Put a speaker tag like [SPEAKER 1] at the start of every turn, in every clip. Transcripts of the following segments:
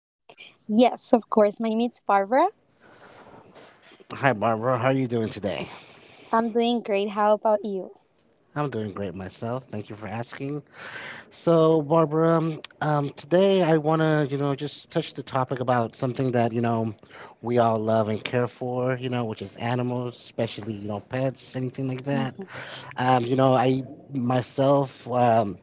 [SPEAKER 1] Yes, of course. My name is Barbara.
[SPEAKER 2] Hi, Barbara. How are you doing today?
[SPEAKER 1] I'm doing great. How about you?
[SPEAKER 2] I'm doing great myself. Thank you for asking. So, Barbara, today I want to, just touch the topic about something that, we all love and care for, which is animals, especially, pets, anything like that.
[SPEAKER 1] Mhm.
[SPEAKER 2] I myself,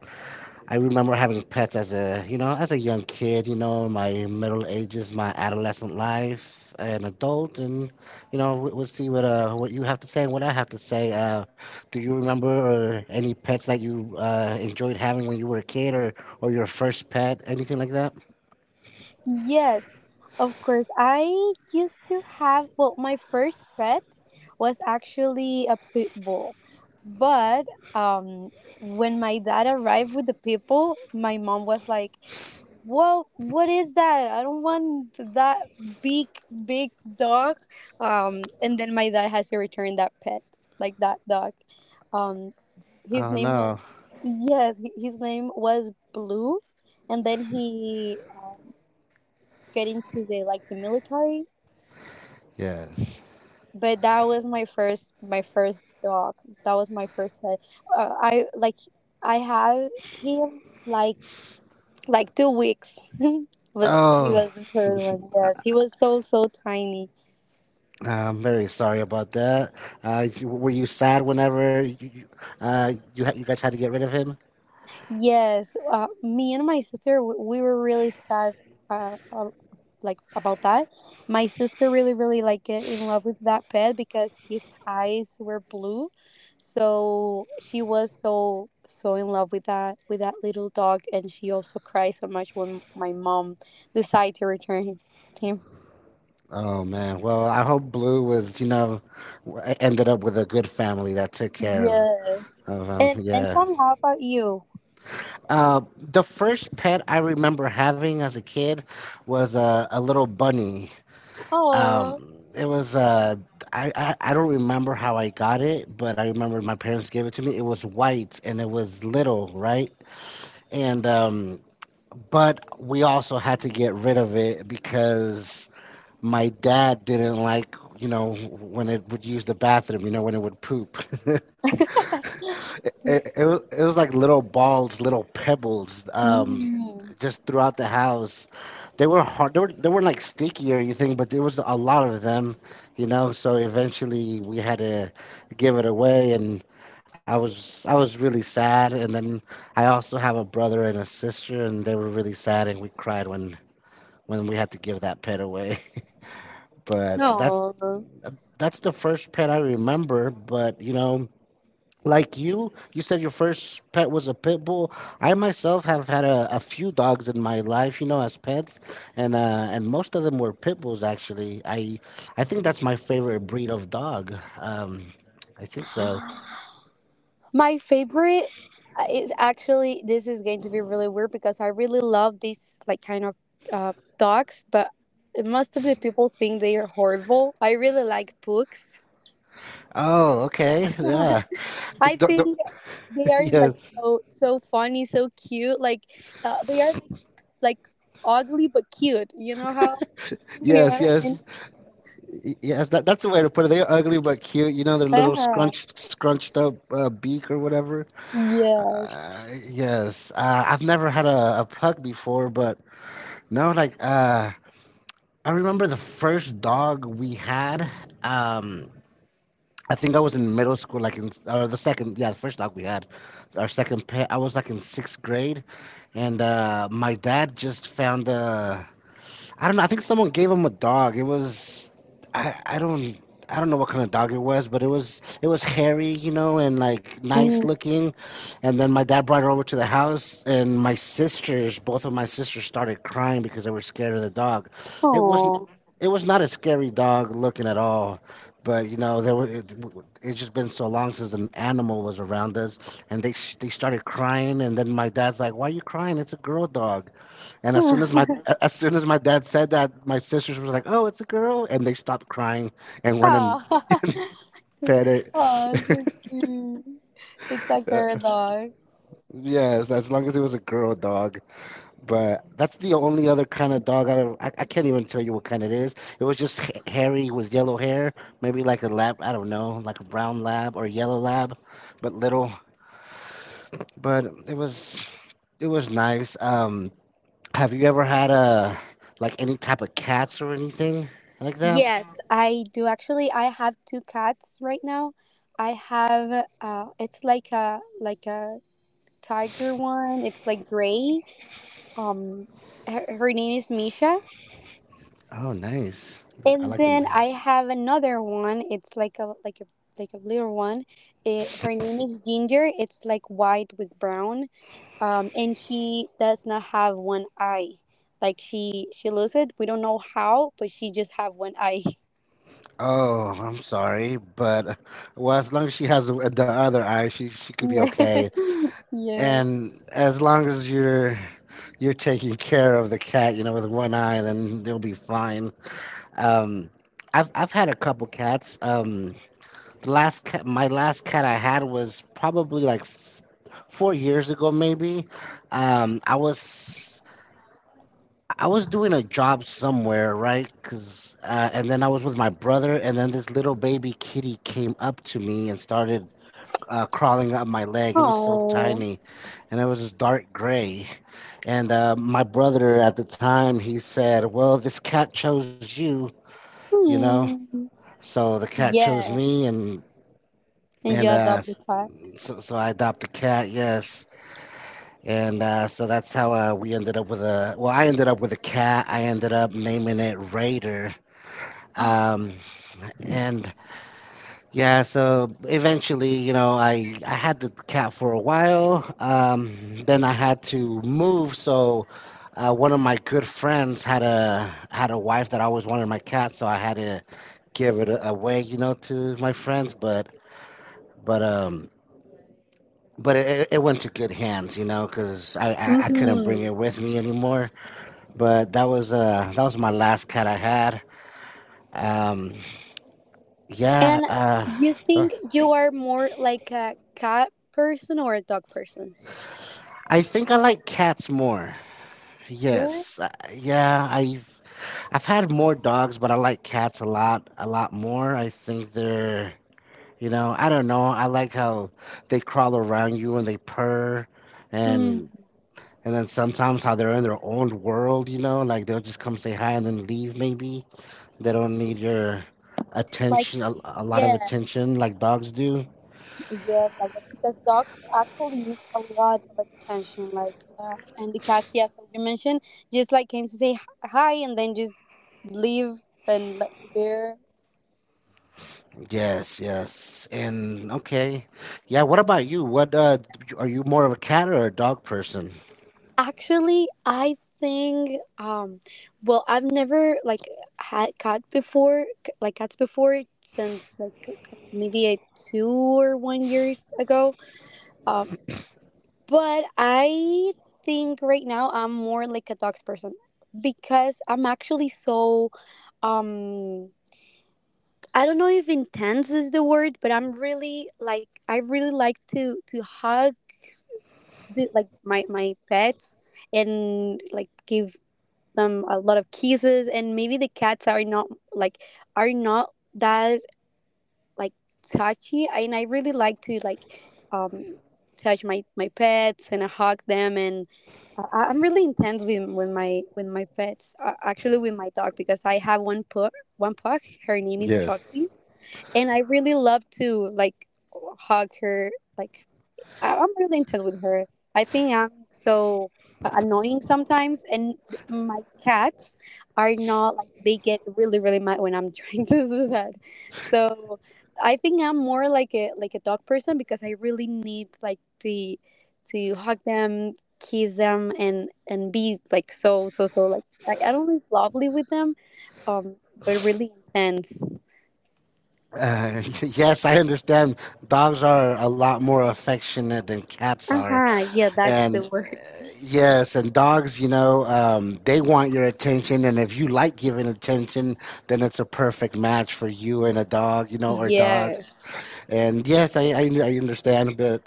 [SPEAKER 2] I remember having pets as a, as a young kid, my middle ages, my adolescent life, an adult, and we'll see what you have to say and what I have to say. Do you remember or any pets that you enjoyed having when you were a kid, or your first pet, anything like that?
[SPEAKER 1] Yes, of course. I used to have, well, my first pet was actually a pit bull. But um, when my dad arrived with the pit bull, my mom was like, well, what is that? I don't want that big, big dog. And then my dad has to return that pet, like that dog. Um, his
[SPEAKER 2] Oh
[SPEAKER 1] name
[SPEAKER 2] no.
[SPEAKER 1] was Yes. His name was Blue, and then he get into the military.
[SPEAKER 2] Yes.
[SPEAKER 1] But that was my first dog. That was my first pet. Uh, I like, I have him like 2 weeks. But he
[SPEAKER 2] Oh.
[SPEAKER 1] was the first one. Yes, he was so so tiny.
[SPEAKER 2] I'm very sorry about that. Were you sad whenever you guys had to get rid of him?
[SPEAKER 1] Yes, me and my sister we were really sad. Uh, uh, like about that, my sister really really like get in love with that pet because his eyes were blue, so she was so so in love with that little dog, and she also cried so much when my mom decided to return him.
[SPEAKER 2] Oh man. Well, I hope Blue was, ended up with a good family that took care
[SPEAKER 1] Yes,
[SPEAKER 2] of
[SPEAKER 1] and
[SPEAKER 2] him.
[SPEAKER 1] and
[SPEAKER 2] Yeah.
[SPEAKER 1] tell me, how about you?
[SPEAKER 2] The first pet I remember having as a kid was a little bunny.
[SPEAKER 1] Oh.
[SPEAKER 2] It was I don't remember how I got it, but I remember my parents gave it to me. It was white and it was little, right? And But we also had to get rid of it because my dad didn't like, you know, when it would use the bathroom, you know, when it would poop. It was like little balls, little pebbles,
[SPEAKER 1] Mm.
[SPEAKER 2] just throughout the house. They were hard they, were, they weren't like sticky or anything, but there was a lot of them, you know, so eventually we had to give it away. And I was really sad, and then I also have a brother and a sister, and they were really sad, and we cried when we had to give that pet away. But that's
[SPEAKER 1] Oh.
[SPEAKER 2] that's the first pet I remember. But you know, like you said, your first pet was a pit bull. I myself have had a few dogs in my life, you know, as pets, and most of them were pit bulls actually. I think that's my favorite breed of dog. I think so.
[SPEAKER 1] My favorite is actually, this is going to be really weird because I really love these like kind of dogs, but most of the people think they are horrible. I really like pugs.
[SPEAKER 2] Oh, okay. Yeah. The,
[SPEAKER 1] I
[SPEAKER 2] the, the,
[SPEAKER 1] think they are
[SPEAKER 2] yes,
[SPEAKER 1] like so so funny, so cute. Like, they are like ugly but cute. You know how, you
[SPEAKER 2] yes,
[SPEAKER 1] know what I mean?
[SPEAKER 2] yes, yes. That's the way to put it. They're ugly but cute. You know, their little
[SPEAKER 1] Uh-huh.
[SPEAKER 2] scrunched, scrunched up beak or whatever.
[SPEAKER 1] Yes.
[SPEAKER 2] Uh, yes, I've never had a pug before, but no, like I remember the first dog we had. Um, I think I was in middle school, like in or the second, yeah, the first dog we had, our second pet. I was like in sixth grade, and my dad just found a I don't know. I think someone gave him a dog. It was I I don't I don't know what kind of dog it was, but it was hairy, you know, and like nice
[SPEAKER 1] Mm.
[SPEAKER 2] looking. And then my dad brought it over to the house, and my sisters, both of my sisters, started crying because they were scared of the dog. It
[SPEAKER 1] Aw.
[SPEAKER 2] wasn't. It was not a scary dog looking at all, but you know there were. It's just been so long since an animal was around us, and they started crying, and then my dad's like, "Why are you crying? It's a girl dog." And as soon as my As soon as my dad said that, my sisters were like, "Oh, it's a girl," and they stopped crying and went and
[SPEAKER 1] Oh,
[SPEAKER 2] fed it.
[SPEAKER 1] oh, so cute. It's like they're a dog.
[SPEAKER 2] Yes, as long as it was a girl dog. But that's the only other kind of dog I ever, I can't even tell you what kind it is. It was just hairy with yellow hair, maybe like a lab. I don't know, like a brown lab or yellow lab, but little. But it was It was nice. Have you ever had a like any type of cats or anything like that?
[SPEAKER 1] Yes, I do actually. I have two cats right now. I have it's like a tiger one. It's like gray. Um, her name is Misha,
[SPEAKER 2] Oh, nice. I
[SPEAKER 1] and
[SPEAKER 2] like
[SPEAKER 1] then
[SPEAKER 2] the.
[SPEAKER 1] I have another one. It's like a like a little one. Her name is Ginger. It's like white with brown. And she does not have one eye, like, she loses it. We don't know how, but she just have one eye.
[SPEAKER 2] Oh, I'm sorry, but well, as long as she has the other eye, she could be
[SPEAKER 1] Yeah.
[SPEAKER 2] okay.
[SPEAKER 1] Yes.
[SPEAKER 2] And as long as you're taking care of the cat, you know, with one eye, then they'll be fine. Um, I've had a couple cats. The last cat, my last cat I had was probably like 4 years ago, maybe. Um, I was I was doing a job somewhere, right? Cause and then I was with my brother, and then this little baby kitty came up to me and started crawling up my leg. It was so
[SPEAKER 1] Oh.
[SPEAKER 2] tiny, and it was this dark gray. And my brother at the time, he said, "Well, this cat chose you, you know."
[SPEAKER 1] Hmm.
[SPEAKER 2] So the cat chose
[SPEAKER 1] Yeah.
[SPEAKER 2] me, and
[SPEAKER 1] And you
[SPEAKER 2] and uh,
[SPEAKER 1] adopt the cat?
[SPEAKER 2] so I adopted the cat. Yes. And so that's how we ended up with a. Well, I ended up with a cat. I ended up naming it Raider, um and yeah, so eventually, you know, I had the cat for a while. Then I had to move, so one of my good friends had a had a wife that always wanted my cat, so I had to give it away, you know, to my friends. But but um but it it went to good hands, you know, because I couldn't bring
[SPEAKER 1] Hmm.
[SPEAKER 2] it with me anymore. But that was my last cat I had. Um, yeah.
[SPEAKER 1] And
[SPEAKER 2] uh
[SPEAKER 1] you think you are more like a cat person or a dog person?
[SPEAKER 2] I think I like cats more.
[SPEAKER 1] Yeah.
[SPEAKER 2] Yes. Yeah, I've had more dogs, but I like cats a lot more. I think they're, you know, I don't know. I like how they crawl around you and they purr,
[SPEAKER 1] Hmm.
[SPEAKER 2] and and then sometimes how they're in their own world, you know, like they'll just come say hi and then leave maybe. They don't need your
[SPEAKER 1] Like,
[SPEAKER 2] attention a lot of
[SPEAKER 1] yes.
[SPEAKER 2] attention like dogs do.
[SPEAKER 1] Yes, like that because dogs actually need a lot of attention. Like, and the cats, yes, as you mentioned, just like came to say hi and then just leave and let you there.
[SPEAKER 2] Yes, yes. And okay. Yeah, what about you? What are you more of a cat or a dog person?
[SPEAKER 1] Actually, I think, well, I've never like had cat before, like cats before, since like maybe a 2 or 1 years ago. uh, But I think right now I'm more like a dogs person, because I'm actually so um I don't know if intense is the word, but I'm really like, I really like to hug the, like, my pets, and like give them a lot of kisses, and maybe the cats are not like, are not that like touchy, and I really like to like, um touch my pets, and I hug them, and I'm really intense with my pets, actually with my dog because I have one pug, one pug her name is
[SPEAKER 2] Yes.
[SPEAKER 1] Roxy, and I really love to like hug her, like, I'm really intense with her. I think I'm so annoying sometimes, and my cats are not like, they get really really mad when I'm trying to do that. So I think I'm more like a dog person because I really need like, the to hug them, kiss them, and be like so so so, like, I don't live lovely with them, um, but really intense.
[SPEAKER 2] Yes, I understand. Dogs are a lot more affectionate than cats
[SPEAKER 1] Uh
[SPEAKER 2] are,
[SPEAKER 1] huh. Yeah, that's
[SPEAKER 2] and
[SPEAKER 1] the word.
[SPEAKER 2] yes, and dogs, you know, they want your attention, and if you like giving attention, then it's a perfect match for you and a dog, you know, or dogs.
[SPEAKER 1] Yes.
[SPEAKER 2] And yes, I understand. But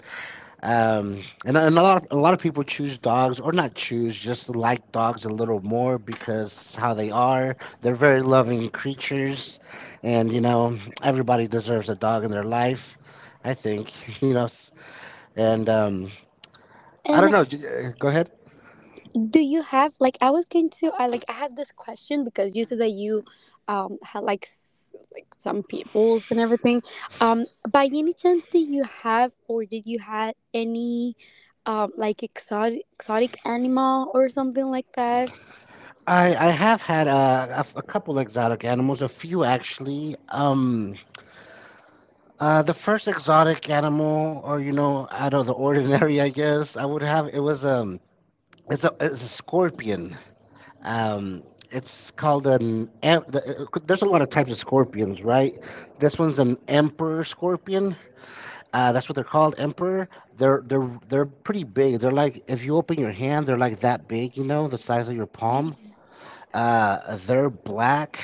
[SPEAKER 2] um, and a lot of people choose dogs or not choose, just like dogs a little more because how they are. They're very loving creatures, and you know everybody deserves a dog in their life. I think, you know, s- and I don't
[SPEAKER 1] And
[SPEAKER 2] know. Go ahead.
[SPEAKER 1] do you have, like, I was going to I like I have this question because you said that you had like, like some peoples and everything, um by any chance do you have or did you have any like exotic animal or something like that?
[SPEAKER 2] I have had a couple exotic animals, a few actually. The first exotic animal, or you know, out of the ordinary, I guess I would have it's a scorpion. Um, it's called an. Em- the- There's a lot of types of scorpions, right? This one's an emperor scorpion. That's what they're called, emperor. They're pretty big. They're like if you open your hand, they're like that big. You know, the size of your palm. They're black,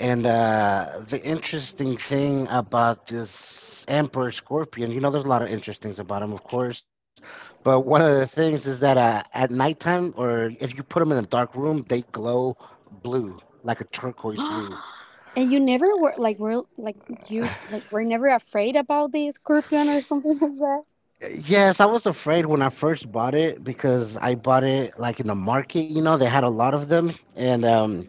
[SPEAKER 2] and the interesting thing about this Emperor Scorpion, you know, there's a lot of interesting things about him, of course, but one of the things is that at nighttime, or if you put them in a dark room, they glow blue, like a turquoise blue.
[SPEAKER 1] And you never were like, you like were never afraid about the scorpion or something like that?
[SPEAKER 2] Yes, I was afraid when I first bought it because I bought it like in the market, you know, they had a lot of them, and um,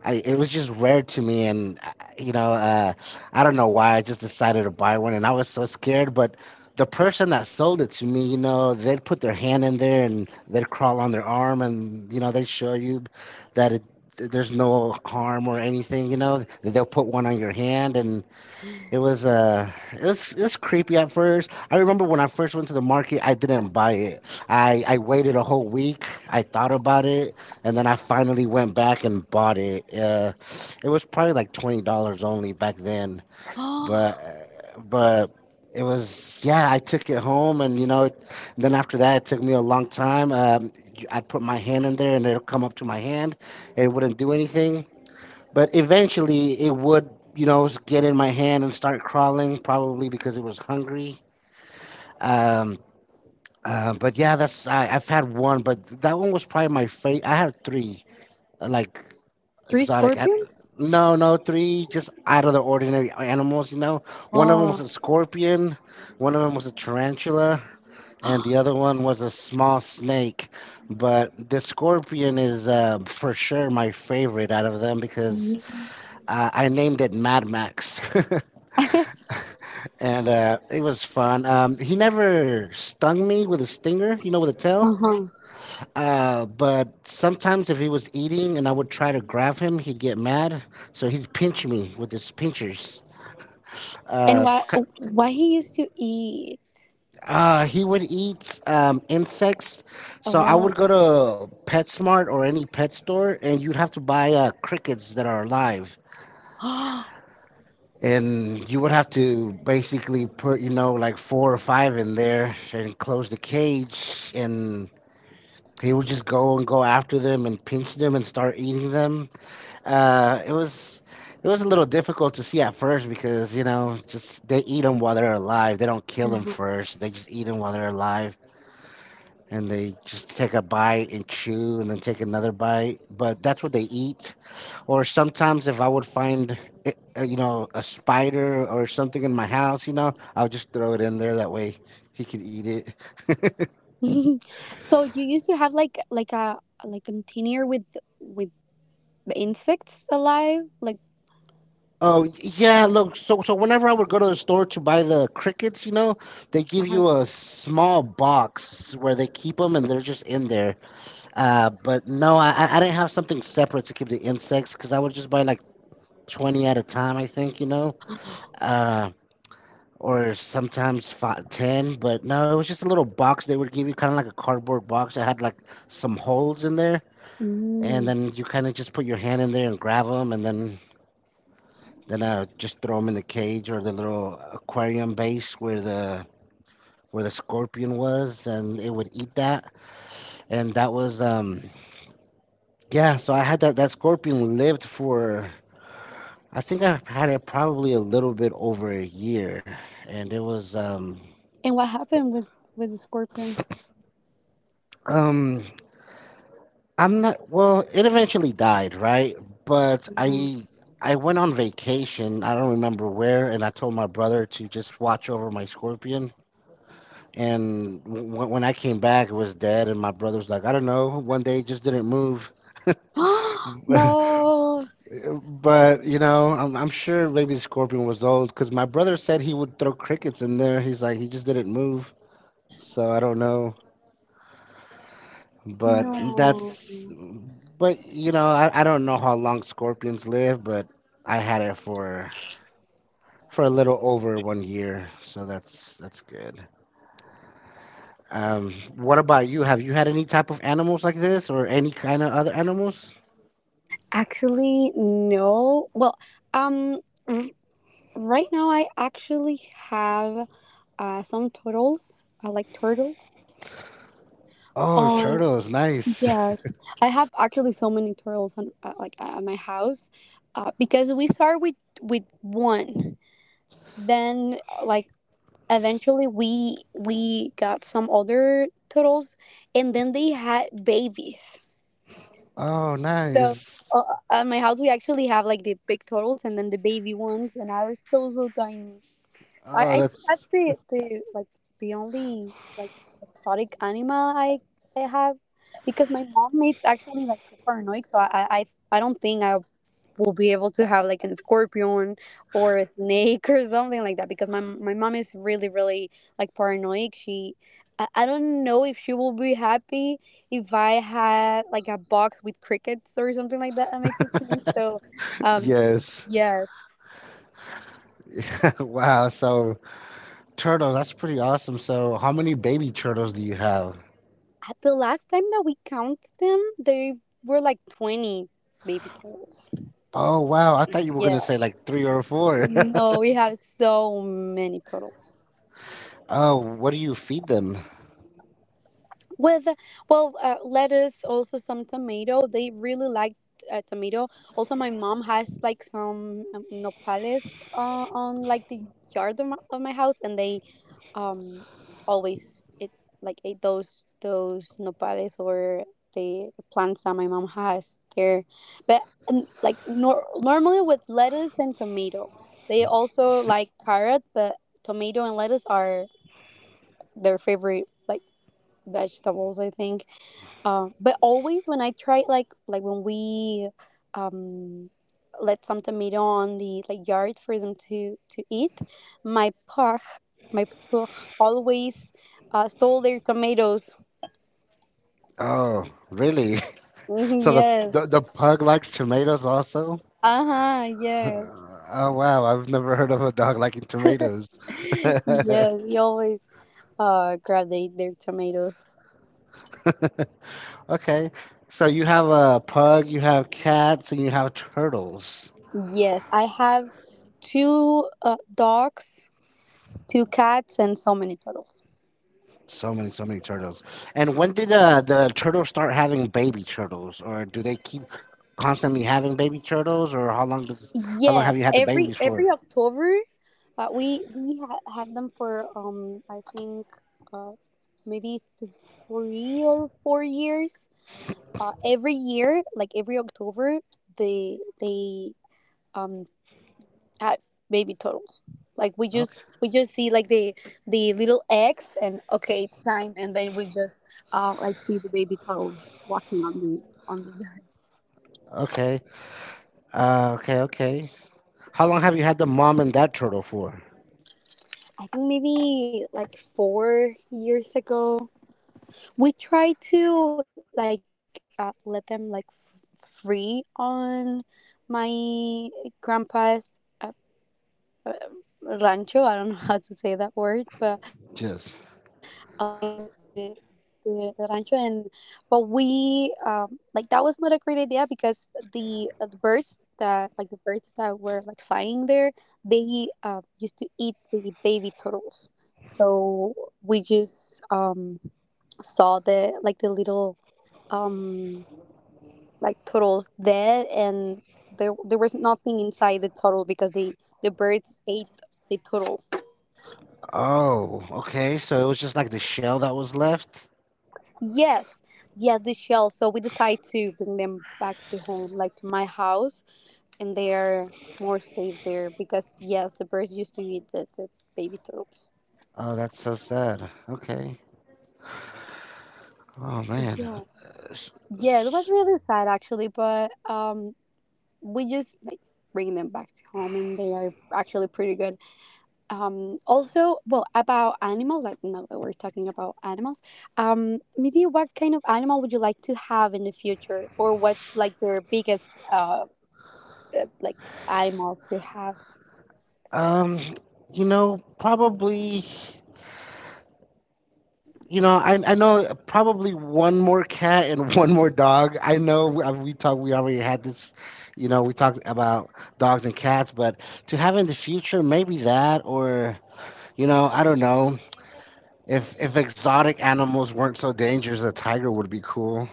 [SPEAKER 2] I, it was just rare to me, and you know, uh, I don't know why. I just decided to buy one, and I was so scared. But the person that sold it to me, you know, they'd put their hand in there and they'd crawl on their arm, and you know, they show you that it, there's no harm or anything. You know, they'll put one on your hand, and it was it's creepy at first. I remember when I first went to the market, I didn't buy it. I waited a whole week. I thought about it, and then I finally went back and bought it. It was probably like $20 only back then, but
[SPEAKER 1] Oh.
[SPEAKER 2] uh, but it was, yeah. I took it home, and you know, then after that, it took me a long time. I put my hand in there, and it'll come up to my hand, and it wouldn't do anything. But eventually, it would, you know, get in my hand and start crawling, probably because it was hungry. Um, but yeah, I've had one, but that one was probably my favorite. I had three, uh, like
[SPEAKER 1] Three
[SPEAKER 2] exotic.
[SPEAKER 1] scorpions.
[SPEAKER 2] No, no, three just out of the ordinary animals. You know, one of them was
[SPEAKER 1] Oh.
[SPEAKER 2] a scorpion, one of them was a tarantula, and the other one was a small snake. But the scorpion is for sure my favorite out of them because I named it Mad Max, and it was fun. He never stung me with a stinger, you know, with a tail.
[SPEAKER 1] Uh-huh.
[SPEAKER 2] But sometimes if he was eating and I would try to grab him, he'd get mad, so he'd pinch me with his pinchers.
[SPEAKER 1] And
[SPEAKER 2] Uh,
[SPEAKER 1] why
[SPEAKER 2] c-
[SPEAKER 1] he used to eat?
[SPEAKER 2] he would eat insects, so I would
[SPEAKER 1] Oh.
[SPEAKER 2] go to PetSmart or any pet store, and you'd have to buy crickets that are alive. And you would have to basically put, you know, like four or five in there and close the cage, and they would just go and go after them and pinch them and start eating them. uh, it was it was a little difficult to see at first because, you know, just they eat them while they're alive, they don't kill them
[SPEAKER 1] Mhm.
[SPEAKER 2] first, they just eat them while they're alive. And they just take a bite and chew and then take another bite, but that's what they eat. Or sometimes if I would find it, you know, a spider or something in my house, you know, I'll just throw it in there that way he could eat it.
[SPEAKER 1] So you used to have like a like container with with insects alive, like?
[SPEAKER 2] Oh yeah, look, so whenever I would go to the store to buy the crickets, you know, they give
[SPEAKER 1] uh,
[SPEAKER 2] you a small box where they keep them and they're just in there. But no, I didn't have something separate to keep the insects because I would just buy like 20 at a time, I think, you know. uh, or sometimes five, ten, but no, it was just a little box they would give you, kind of like a cardboard box that had like some holes in there, and
[SPEAKER 1] mm.
[SPEAKER 2] then you kind of just put your hand in there and grab them, and then just throw them in the cage or the little aquarium base where the scorpion was, and it would eat that, and that was yeah. So I had that scorpion lived for. I think I had it probably a little bit over a year, and it was
[SPEAKER 1] And what happened with the scorpion?
[SPEAKER 2] um I'm not, well, it eventually died, right? But I went on vacation, I don't remember where, and I told my brother to just watch over my scorpion. And when I came back, it was dead, and my brother's like, I don't know, one day it just didn't move.
[SPEAKER 1] Oh. No.
[SPEAKER 2] But you know, I'm sure maybe the scorpion was old because my brother said he would throw crickets in there. He's like, he just didn't move, so I don't know. But
[SPEAKER 1] no
[SPEAKER 2] that's, but you know, I don't know how long scorpions live, but I had it for a little over one year, so that's good. What about you? Have you had any type of animals like this, or any kind of other animals?
[SPEAKER 1] Actually, no. Well, um r- right now I actually have some turtles. I like turtles
[SPEAKER 2] Oh,
[SPEAKER 1] on.
[SPEAKER 2] turtles, nice.
[SPEAKER 1] Yes, I have actually so many turtles on, like, at my house, because we start with one, then like, eventually we got some other turtles, and then they had babies.
[SPEAKER 2] Oh,
[SPEAKER 1] So
[SPEAKER 2] nice.
[SPEAKER 1] uh, at my house we actually have like the big turtles and then the baby ones, and are so so tiny. I,
[SPEAKER 2] Oh,
[SPEAKER 1] I think
[SPEAKER 2] that's
[SPEAKER 1] that's the like the only like exotic animal I have because my mom is actually like super annoying, so I don't think I will be able to have like an scorpion or a snake or something like that because my mom is really really like paranoid. She I don't know if she will be happy if I had like a box with crickets or something like that in my kitchen, so um
[SPEAKER 2] yes.
[SPEAKER 1] yes.
[SPEAKER 2] Wow. So turtles, that's pretty awesome. So how many baby turtles do you have?
[SPEAKER 1] At the last time that we count them, they were like 20 baby turtles.
[SPEAKER 2] Oh, wow. I thought you were gonna say
[SPEAKER 1] Yes.
[SPEAKER 2] like three or four.
[SPEAKER 1] No, we have so many turtles.
[SPEAKER 2] Oh, what do you feed them?
[SPEAKER 1] With, well, lettuce, also some tomato. They really liked tomato. Also, my mom has like some nopales on like the yard of of my house, and they um always it like ate those nopales or the plants that my mom has there, but, like, normally with lettuce and tomato. They also like carrot, but tomato and lettuce are their favorite, like, vegetables I think. But always when I try like, when we um let some tomato on the like yard for them to eat, my pug my pug always stole their tomatoes.
[SPEAKER 2] Oh, really?
[SPEAKER 1] Mhm,
[SPEAKER 2] So the
[SPEAKER 1] yes.
[SPEAKER 2] pug likes tomatoes also?
[SPEAKER 1] Uh huh. Yes.
[SPEAKER 2] Oh wow, I've never heard of a dog liking tomatoes.
[SPEAKER 1] Yes. He always grab their tomatoes.
[SPEAKER 2] Okay, so you have a pug, you have cats, and you have turtles.
[SPEAKER 1] Yes, I have two dogs, two cats, and so many turtles.
[SPEAKER 2] So many, so many turtles. And when did the turtles start having baby turtles, or do they keep constantly having baby turtles, or how long does how long have
[SPEAKER 1] Yes,
[SPEAKER 2] you had the
[SPEAKER 1] every
[SPEAKER 2] babies for?
[SPEAKER 1] October. We had them for, I think, uh maybe 3 or 4 years. Every year, like every October, they um had baby turtles. Like,
[SPEAKER 2] Okay,
[SPEAKER 1] we just see like, the little eggs, and okay, it's time. And then we just like, see the baby turtles walking on the yard.
[SPEAKER 2] okay, okay, okay. How long have you had the mom and dad turtle for?
[SPEAKER 1] I think maybe like 4 years ago we try to like, let them like free on my grandpa's uh, rancho. I don't know how to say that word, but like
[SPEAKER 2] Just.
[SPEAKER 1] the rancho, and but we like, that was not a great idea because the birds that like, the birds that were like flying there, they used to eat the baby turtles. So we just saw the like the little um like turtles dead, and there was nothing inside the turtle because the birds ate the turtle.
[SPEAKER 2] Oh, okay. So it was just like the shell that was left?
[SPEAKER 1] Yes, yes, the shell. So we decide to bring them back to home, like to my house, and they are more safe there because yes, the birds used to eat the baby turtles.
[SPEAKER 2] Oh, that's so sad. Okay. Oh, man.
[SPEAKER 1] Yeah,
[SPEAKER 2] S-
[SPEAKER 1] yeah, it was
[SPEAKER 2] s-
[SPEAKER 1] really sad actually, but we just like bring them back to home, and they are actually pretty good. Also, well, about animals, like, now that we're talking about animals, maybe what kind of animal would you like to have in the future, or what's like your biggest like animal to have?
[SPEAKER 2] Um, you know, probably. You know, I know probably one more cat and one more dog. I know we talked, we already had this, you know, we talked about dogs and cats, but to have in the future, maybe that or, you know, I don't know. If exotic animals weren't so dangerous, a tiger would be cool.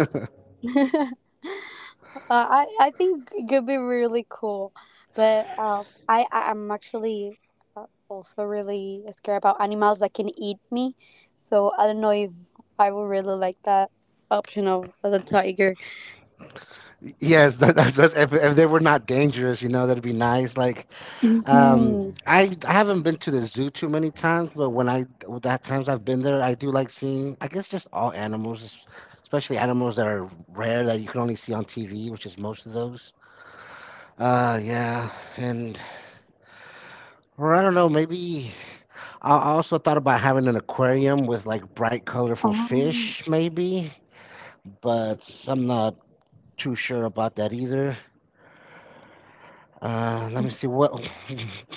[SPEAKER 1] uh, I think it could be really cool, but I'm actually also really scared about animals that can eat me, so I don't know if I would really like that option of the tiger.
[SPEAKER 2] Yes, that, that's if they were not dangerous, you know, that'd be nice. Like,
[SPEAKER 1] Mm-hmm.
[SPEAKER 2] I haven't been to the zoo too many times, but when I that times I've been there, I do like seeing. I guess just all animals, especially animals that are rare that you can only see on TV, which is most of those. Yeah, and or I don't know, maybe I also thought about having an aquarium with like bright, colorful fish, maybe. But I'm not too sure about that either. Let me see what.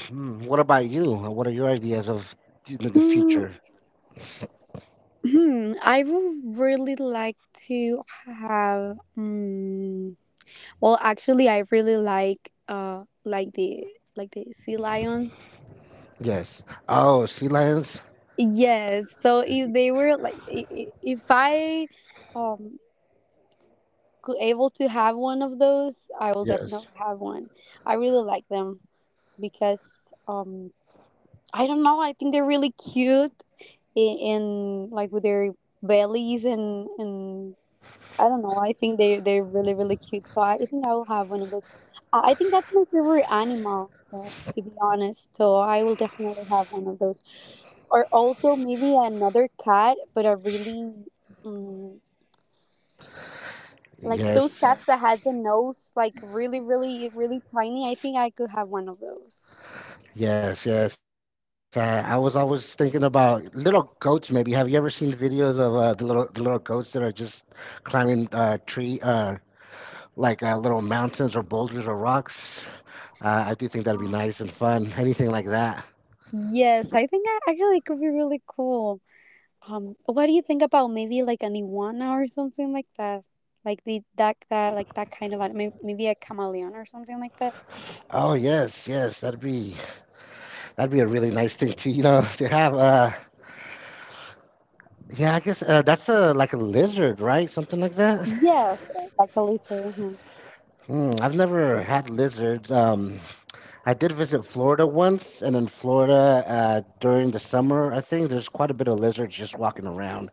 [SPEAKER 2] Hmm, what about you? What are your ideas of the
[SPEAKER 1] Um,
[SPEAKER 2] future?
[SPEAKER 1] hmm, I would really like to have. Well, actually, I really like the sea lions.
[SPEAKER 2] Yes. Oh, sea lions.
[SPEAKER 1] Yes. So if they were like, if I um could able to have one of those, I will
[SPEAKER 2] Yes.
[SPEAKER 1] definitely have one. I really like them because I don't know. I think they're really cute in like with their bellies, and I don't know. I think they're really really cute. So I think I will have one of those. I think that's my favorite animal, to be honest. So I will definitely have one of those. Or also maybe another cat, but a really um, like those
[SPEAKER 2] Yes.
[SPEAKER 1] cats that has a nose, like, really really really tiny. I think I could have one of those.
[SPEAKER 2] Yes. Yes. I was always thinking about little goats. Maybe have you ever seen videos of the little goats that are just climbing tree like little mountains or boulders or rocks? I do think that'd be nice and fun. Anything like that.
[SPEAKER 1] Yes, I think I actually it could be really cool. What do you think about maybe like an iguana or something like that? Like that kind of animal, maybe a chameleon or something like that.
[SPEAKER 2] Oh yes, yes, that'd be a really nice thing to, you know, to have. Yeah, I guess that's a like a lizard, right? Something like that.
[SPEAKER 1] Yes, like a lizard. Mhm.
[SPEAKER 2] Hmm, I've never had lizards. I did visit Florida once, and in Florida during the summer, I think there's quite a bit of lizards just walking around,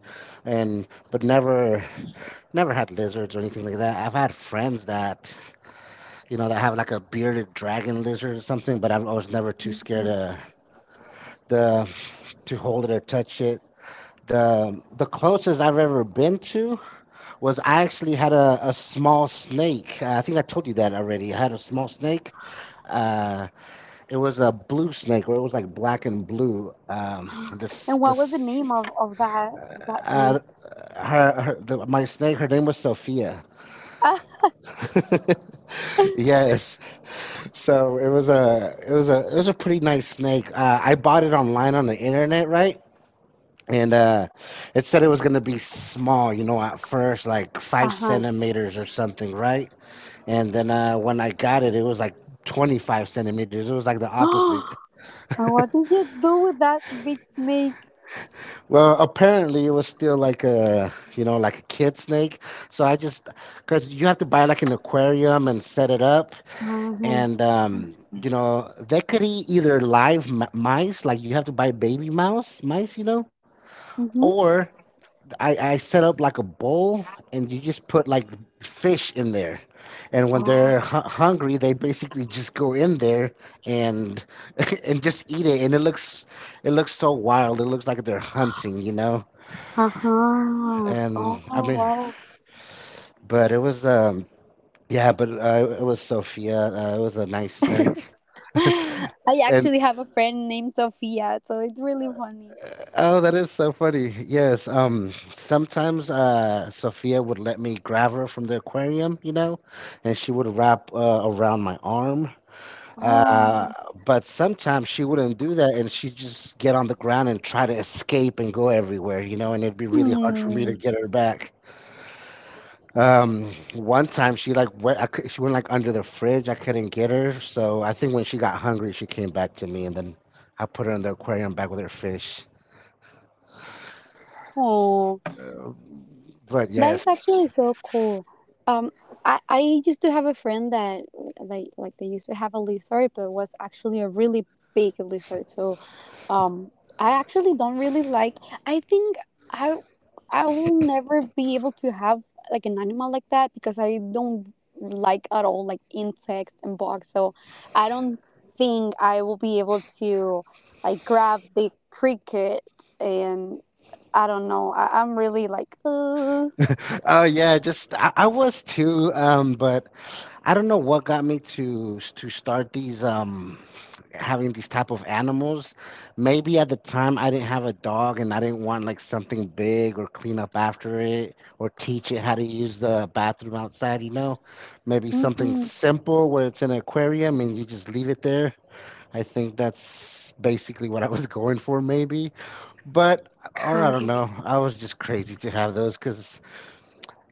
[SPEAKER 2] and but never had lizards or anything like that. I've had friends that, you know, that have like a bearded dragon lizard or something, but I was never too scared to the to hold it or touch it. The closest I've ever been to was I actually had a small snake. I think I told you that already. I had a small snake. Uh, it was a blue snake, or it was like black and blue. This
[SPEAKER 1] And what was the
[SPEAKER 2] this
[SPEAKER 1] name of of that
[SPEAKER 2] uh,
[SPEAKER 1] of that
[SPEAKER 2] uh,
[SPEAKER 1] snake?
[SPEAKER 2] her, her the, My snake. Her name was Sophia. Yes. So it was a pretty nice snake. I bought it online on the internet, right? and It said it was going to be small, you know, at first, like five
[SPEAKER 1] Uh
[SPEAKER 2] centimeters or something, right? And then when I got it, it was like 25 centimeters. It was like the
[SPEAKER 1] huh.
[SPEAKER 2] opposite.
[SPEAKER 1] And what did you do with that big snake?
[SPEAKER 2] Well, apparently it was still like a, you know, like a kid snake, so I just, because you have to buy like an aquarium and set it up,
[SPEAKER 1] Uh huh.
[SPEAKER 2] and you know they could eat either live mice, like you have to buy baby mouse mice, you know.
[SPEAKER 1] Mm-hmm.
[SPEAKER 2] Or I set up like a bowl, and you just put like fish in there. And when
[SPEAKER 1] Oh.
[SPEAKER 2] they're hungry, they basically just go in there and and just eat it. And it looks so wild. It looks like they're hunting, you know.
[SPEAKER 1] Uh huh.
[SPEAKER 2] And
[SPEAKER 1] Oh
[SPEAKER 2] I mean,
[SPEAKER 1] wow.
[SPEAKER 2] but it was yeah, but it was Sophia. It was a nice snake.
[SPEAKER 1] I
[SPEAKER 2] And
[SPEAKER 1] actually have a friend named Sophia, so it's really funny.
[SPEAKER 2] oh, that is so funny. Yes. Um, sometimes, Sophia would let me grab her from the aquarium, you know, and she would wrap around my arm. Uh,
[SPEAKER 1] Oh.
[SPEAKER 2] but sometimes she wouldn't do that, and she'd just get on the ground and try to escape and go everywhere, you know, and it'd be really hard for me to get her back. One time she like went, she went like under the fridge. I couldn't get her, so I think when she got hungry, she came back to me, and then I put her in the aquarium back with her fish.
[SPEAKER 1] 哦，
[SPEAKER 2] But
[SPEAKER 1] That is
[SPEAKER 2] yes.
[SPEAKER 1] actually so cool. Um, I used to have a friend that they used to have a lizard, but it was actually a really big lizard. So, um, I actually don't really like. I think I I will never be able to have like an animal like that because I don't like at all like insects and bugs. So, I don't think I will be able to like grab the cricket and I don't know. I'm really like, "Ugh."
[SPEAKER 2] Oh yeah, just I was too, but I don't know what got me to start these having these type of animals. Maybe at the time I didn't have a dog and I didn't want like something big or clean up after it or teach it how to use the bathroom outside, you know? Maybe something
[SPEAKER 1] Mm-hmm.
[SPEAKER 2] simple where it's in an aquarium and you just leave it there. I think that's basically what I was going for maybe. But or I
[SPEAKER 1] Got
[SPEAKER 2] don't
[SPEAKER 1] it.
[SPEAKER 2] know. I was just crazy to have those because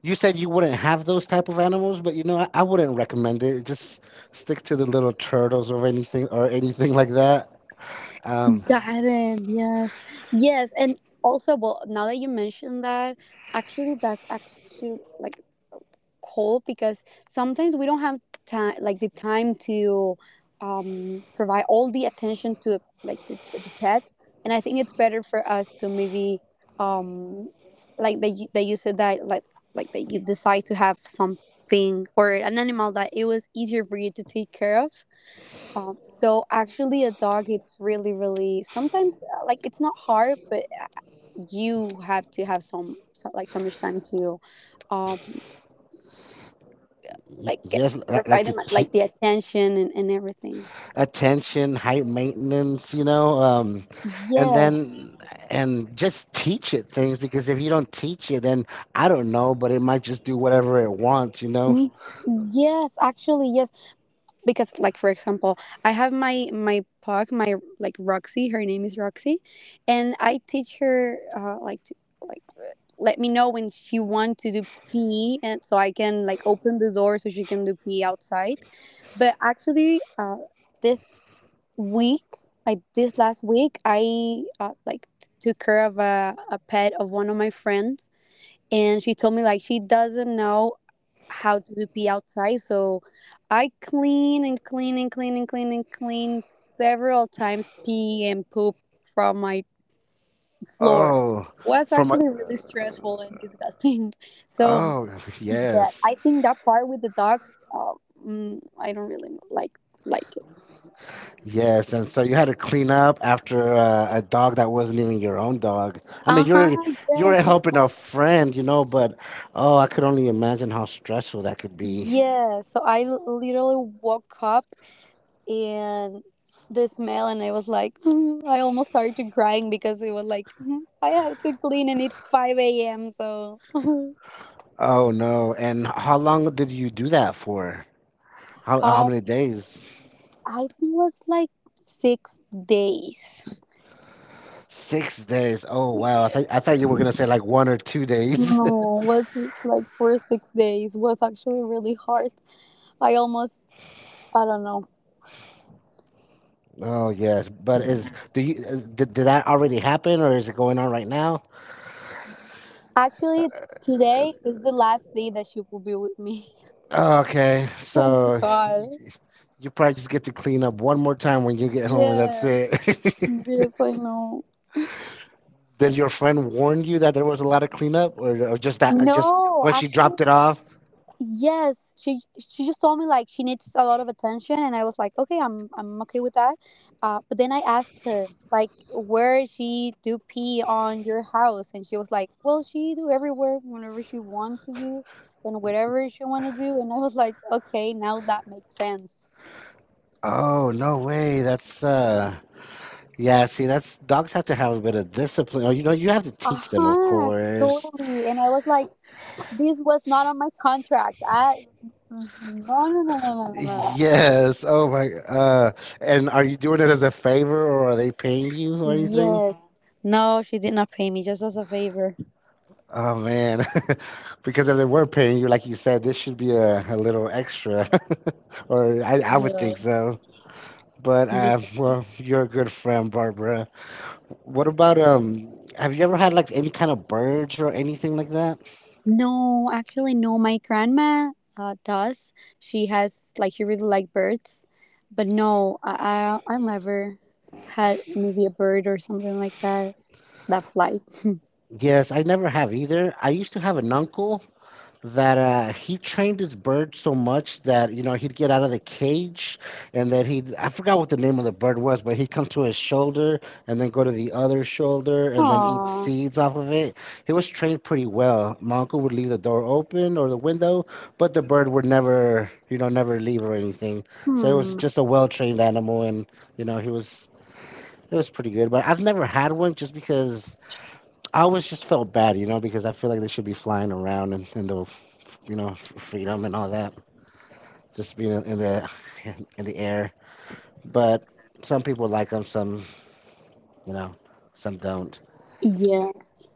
[SPEAKER 2] you said you wouldn't have those type of animals, but you know, I wouldn't recommend it. Just stick to the little turtles or anything like that. Um,
[SPEAKER 1] Got it, yes. Yes, and also, well, now that you mentioned that, actually, that's actually like cool because sometimes we don't have time, like the time to, provide all the attention to like the pet. And I think it's better for us to maybe, um, like that you said that, like that you decide to have something or an animal that it was easier for you to take care of. So actually, a dog, it's really, really sometimes like it's not hard, but you have to have some, so, like so much time to, um,
[SPEAKER 2] y-
[SPEAKER 1] like get,
[SPEAKER 2] yes, like,
[SPEAKER 1] provide them like the attention and everything.
[SPEAKER 2] attention, high maintenance, you know, and
[SPEAKER 1] Yes.
[SPEAKER 2] then and just teach it things, because if you don't teach it, then I don't know, but it might just do whatever it wants, you know.
[SPEAKER 1] Mm. Yes, actually, yes, because like for example I have my pug, my like Roxy, her name is Roxy, and I teach her, like to, like let me know when she want to do pee and so I can like open the door so she can do pee outside. But actually, this week like this last week I, like took care of a pet of one of my friends, and she told me like she doesn't know how to pee outside. So I clean and clean and clean and clean and clean several times, pee and poop from my floor.
[SPEAKER 2] Oh,
[SPEAKER 1] Was
[SPEAKER 2] from a
[SPEAKER 1] actually really stressful and disgusting. So
[SPEAKER 2] oh
[SPEAKER 1] yeah,
[SPEAKER 2] yes.
[SPEAKER 1] I think that part with the dogs, mm, I don't really like it.
[SPEAKER 2] Yes, and so you had to clean up after a dog that wasn't even your own dog. I mean,
[SPEAKER 1] Uh huh.
[SPEAKER 2] you were
[SPEAKER 1] Yes.
[SPEAKER 2] helping
[SPEAKER 1] Exactly.
[SPEAKER 2] a friend, you know, but oh, I could only imagine how stressful that could be.
[SPEAKER 1] Yeah. So I literally woke up and the smell, and I was like I almost started crying because it was like I have to clean and it's 5 a.m., so
[SPEAKER 2] Oh no! And how long did you do that for? How
[SPEAKER 1] um
[SPEAKER 2] many days?
[SPEAKER 1] I think it was like 6 days.
[SPEAKER 2] 6 days. Oh wow! I thought you were gonna say like 1 or 2 days.
[SPEAKER 1] No, it was like for 6 days. It was actually really hard. I almost, I don't know.
[SPEAKER 2] Oh yes, but is do you is, did that already happen, or is it going on right now?
[SPEAKER 1] Actually today is the last day that she will be with me.
[SPEAKER 2] Okay,
[SPEAKER 1] Thank
[SPEAKER 2] so
[SPEAKER 1] God.
[SPEAKER 2] you probably just get to clean up one more time when you get home, and that's
[SPEAKER 1] Yeah.
[SPEAKER 2] it.
[SPEAKER 1] Yes, I know.
[SPEAKER 2] Did your friend warn you that there was a lot of cleanup, or just that? Just
[SPEAKER 1] No,
[SPEAKER 2] when she
[SPEAKER 1] actually,
[SPEAKER 2] dropped it off?
[SPEAKER 1] yes, she just told me like she needs a lot of attention, and I was like, okay, I'm okay with that. But then I asked her like, where she do pee on your house, and she was like, well, she do everywhere whenever she want to do, and whatever she want to do, and I was like, okay, now that makes sense.
[SPEAKER 2] Oh no way! That's Yeah. See, that's, dogs have to have a bit of discipline. Oh, you know, you have to
[SPEAKER 1] Uh
[SPEAKER 2] teach them, of
[SPEAKER 1] huh,
[SPEAKER 2] course.
[SPEAKER 1] totally. And I was like, this was not on my contract. I no no no no no no no.
[SPEAKER 2] Yes. Oh my. And are you doing it as a favor, or are they paying you or anything?
[SPEAKER 1] No. Yes. No, she did not pay me just as a favor.
[SPEAKER 2] Oh man, because if they were paying you, like you said, this should be a little extra, or I would think
[SPEAKER 1] Yes.
[SPEAKER 2] so. But
[SPEAKER 1] Yes.
[SPEAKER 2] well, you're a good friend, Barbara. What about Have you ever had like any kind of birds or anything like that?
[SPEAKER 1] No, actually, no. My grandma does. She has like she really like birds, but no, I never had maybe a bird or something like that that flight.
[SPEAKER 2] Yes, I never have either. I used to have an uncle that he trained his bird so much that, you know, he'd get out of the cage, and that he'd, I forgot what the name of the bird was, but he'd come to his shoulder and then go to the other shoulder and then eat
[SPEAKER 1] Aww.
[SPEAKER 2] seeds off of it. He was trained pretty well. My uncle would leave the door open or the window, but the bird would never, you know, never leave or anything. So it was just a
[SPEAKER 1] Hmm.
[SPEAKER 2] well trained animal, and you know, he was it was pretty good. But I've never had one, just because I always just felt bad, you know, because I feel like they should be flying around and in the, you know, freedom and all that, just being in the in the air. But some people like them, some, you know, some don't.
[SPEAKER 1] Yes.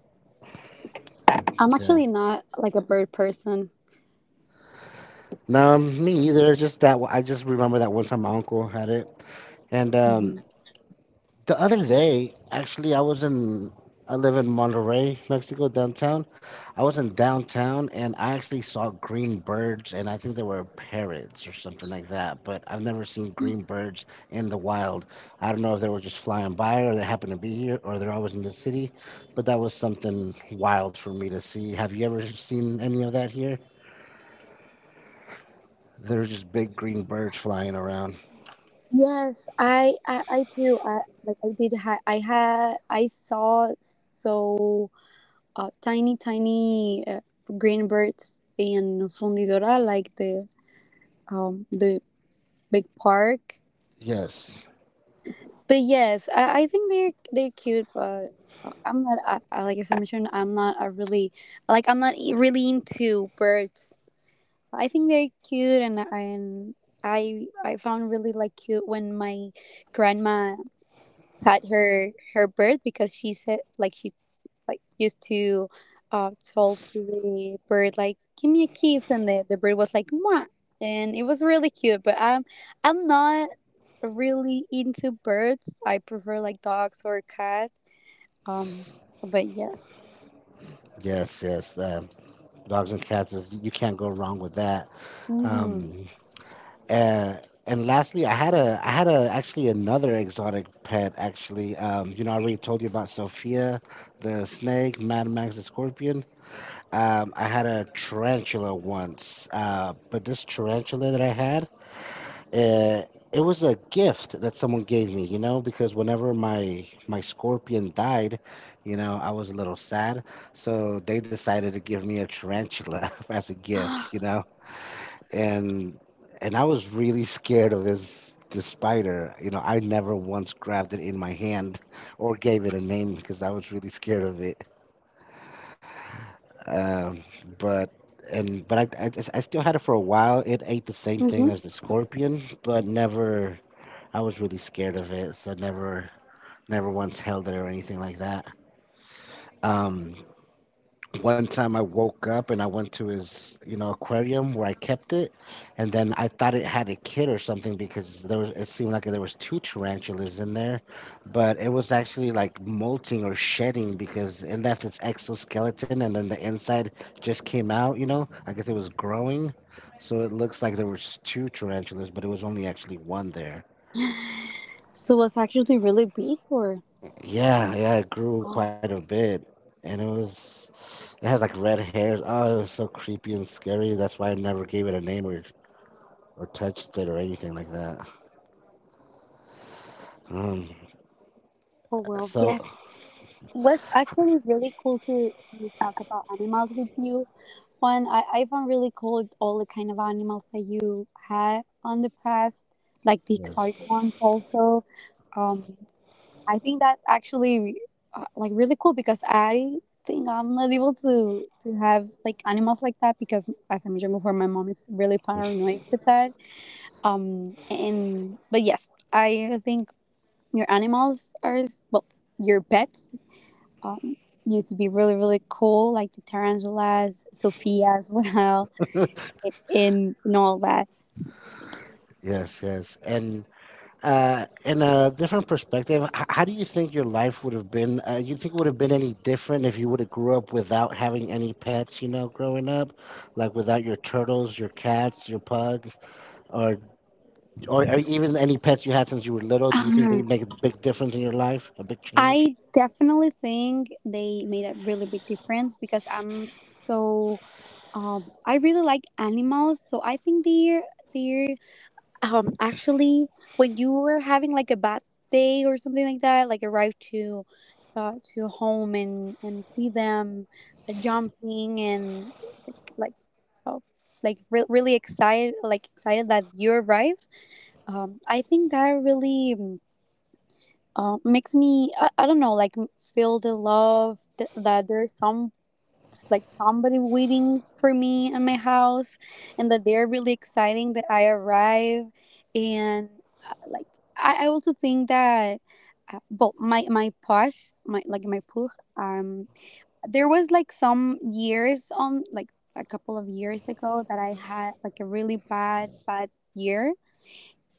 [SPEAKER 1] I'm
[SPEAKER 2] Okay.
[SPEAKER 1] actually not like a bird person.
[SPEAKER 2] No, me either. Just that I just remember that one time my uncle had it, and
[SPEAKER 1] Hmm.
[SPEAKER 2] the other day, actually, I live in Monterrey, Mexico, downtown. I was in downtown, and I actually saw green birds, and I think they were parrots or something like that. But I've never seen green birds in the wild. I don't know if they were just flying by or they happen to be here or they're always in the city, but that was something wild for me to see. Have you ever seen any of that here? There's just big green birds flying around.
[SPEAKER 1] Yes, I do. I did. I had I saw so tiny, tiny, green birds in Fundidora, like the, the big park.
[SPEAKER 2] Yes,
[SPEAKER 1] But yes, I think they're cute, but I'm not as I mentioned, I'm not a really like I'm not e, really into birds. I think they're cute, and I found really like cute when my grandma had her bird because she said like she like used to, told to the bird like give me a kiss and the bird was like Mwah, and it was really cute, but I'm not really into birds. I prefer like dogs or cat, um, but yes.
[SPEAKER 2] yes, yes. Dogs and cats is, you can't go wrong with that.
[SPEAKER 1] Mm-hmm.
[SPEAKER 2] Um, uh, and lastly, I had a, actually, another exotic pet. Actually, you know, I already told you about Sophia, the snake, Mad Max, the scorpion. I had a tarantula once, but this tarantula that I had, uh, it was a gift that someone gave me. You know, because whenever my scorpion died, you know, I was a little sad, so they decided to give me a tarantula as a gift. You know, and I was really scared of this spider. You know, I never once grabbed it in my hand or gave it a name because I was really scared of it. Um, but but I still had it for a while. It ate the same thing
[SPEAKER 1] Mm-hmm.
[SPEAKER 2] as the scorpion, but never. I was really scared of it, so never once held it or anything like that. Um, One time I woke up and I went to his, you know, aquarium where I kept it, and then I thought it had a kid or something, because there was it seemed like there was two tarantulas in there, but it was actually like molting or shedding, because it left its exoskeleton and then the inside just came out, you know? I guess it was growing. So it looks like there was two tarantulas, but it was only actually one there.
[SPEAKER 1] So it was actually really big or
[SPEAKER 2] Yeah, yeah, it grew quite a
[SPEAKER 1] oh,
[SPEAKER 2] bit, and it has like red hairs. Oh, it was so creepy and scary. That's why I never gave it a name or touched it or anything like that. Um,
[SPEAKER 1] oh well
[SPEAKER 2] so
[SPEAKER 1] yes, was actually really cool to talk about animals with you, Juan. I found really cool all the kind of animals that you had on the past, like the
[SPEAKER 2] yes,
[SPEAKER 1] exotic ones also. Um, I think that's actually like really cool because I think I'm not able to have like animals like that because as I mentioned before, my mom is really paranoid with that. And but yes, I think your animals are well, your pets, um, used to be really really cool, like the tarantulas, Sophia as well, and all that.
[SPEAKER 2] yes, yes, and. In a different perspective, how do you think your life would have been? You think it would have been any different if you would have grew up without having any pets? You know, growing up, like without your turtles, your cats, your pug, or or even any pets you had since you were little? Do you think they
[SPEAKER 1] Um,
[SPEAKER 2] make a big difference in your life, a big change?
[SPEAKER 1] I definitely think they made a really big difference because I'm so I really like animals, so I think their actually when you were having like a bad day or something like that like arrive to home and see them jumping and like, oh, like really excited like excited that you arrive, um, I think that really makes me, I don't know like feel the love that there's someone. It's like somebody waiting for me at my house and that they're really exciting that I arrive, and like I also think that well my push, um, there was like some years on like a couple of years ago that I had like a really bad year,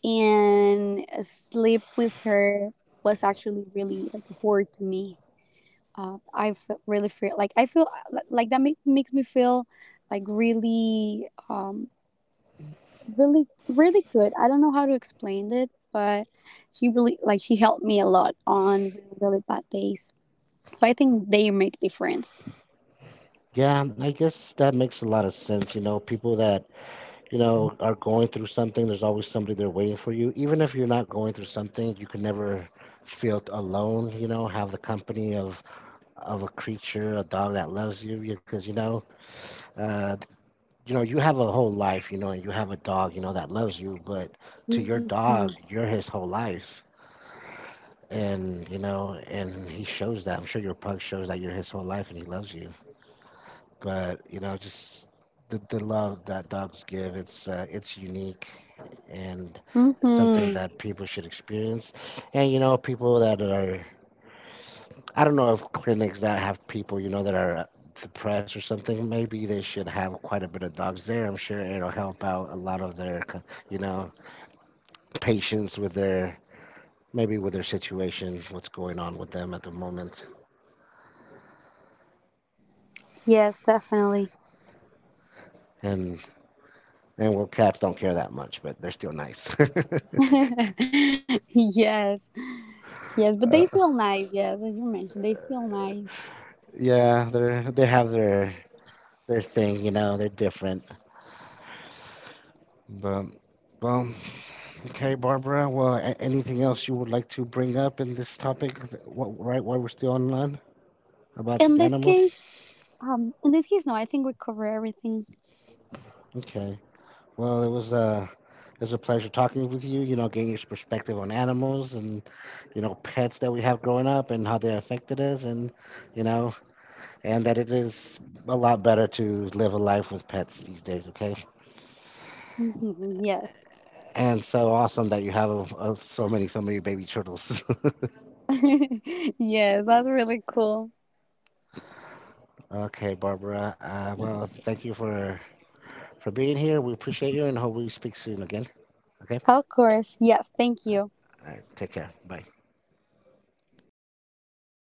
[SPEAKER 1] and sleep with her was actually really like a word to me. Uh, I feel really feel like I feel like that makes me feel like really, really, really good. I don't know how to explain it, but she really like she helped me a lot on really really bad days. So I think they make difference.
[SPEAKER 2] Yeah, I guess that makes a lot of sense. You know, people that, you know, are going through something, there's always somebody there waiting for you. Even if you're not going through something, you can never feel alone, you know, have the company of a creature, a dog that loves you, because you know, uh, you know, you have a whole life, you know, and you have a dog, you know, that loves you, but to your
[SPEAKER 1] Mm-hmm.
[SPEAKER 2] dog, you're his whole life. And you know, and he shows that. I'm sure your pug shows that you're his whole life, and he loves you. But you know, just the love that dogs give, it's unique, and it's something
[SPEAKER 1] Mm-hmm.
[SPEAKER 2] that people should experience. And you know, people that are, I don't know if clinics that have people, you know, that are depressed or something, maybe they should have quite a bit of dogs there. I'm sure it'll help out a lot of their you know, patients with their, maybe with their situation, what's going on with them at the moment.
[SPEAKER 1] Yes, definitely.
[SPEAKER 2] And And well, cats don't care that much, but they're still nice.
[SPEAKER 1] Yes, yes, but they still nice. Yes, as you mentioned, they still nice.
[SPEAKER 2] Yeah, they're, they have their thing, you know. They're different. But well, okay, Barbara. Well, anything else you would like to bring up in this topic? Right, while we're still online about
[SPEAKER 1] In
[SPEAKER 2] the
[SPEAKER 1] this
[SPEAKER 2] animals.
[SPEAKER 1] case, in this case, no. I think we cover everything.
[SPEAKER 2] Okay. Well, it was a pleasure talking with you. You know, getting your perspective on animals and you know pets that we have growing up and how they affected us, and you know, and that it is a lot better to live a life with pets these days, okay?
[SPEAKER 1] Mhm, yes.
[SPEAKER 2] And so awesome that you have a, so many, so many baby turtles.
[SPEAKER 1] Yes, that's really cool.
[SPEAKER 2] Okay, Barbara. Well, thank you for being here. We appreciate you, and hope we speak soon again. Okay.
[SPEAKER 1] Of course. Yes, thank
[SPEAKER 2] Right,
[SPEAKER 1] you.
[SPEAKER 2] all right, take care. Bye.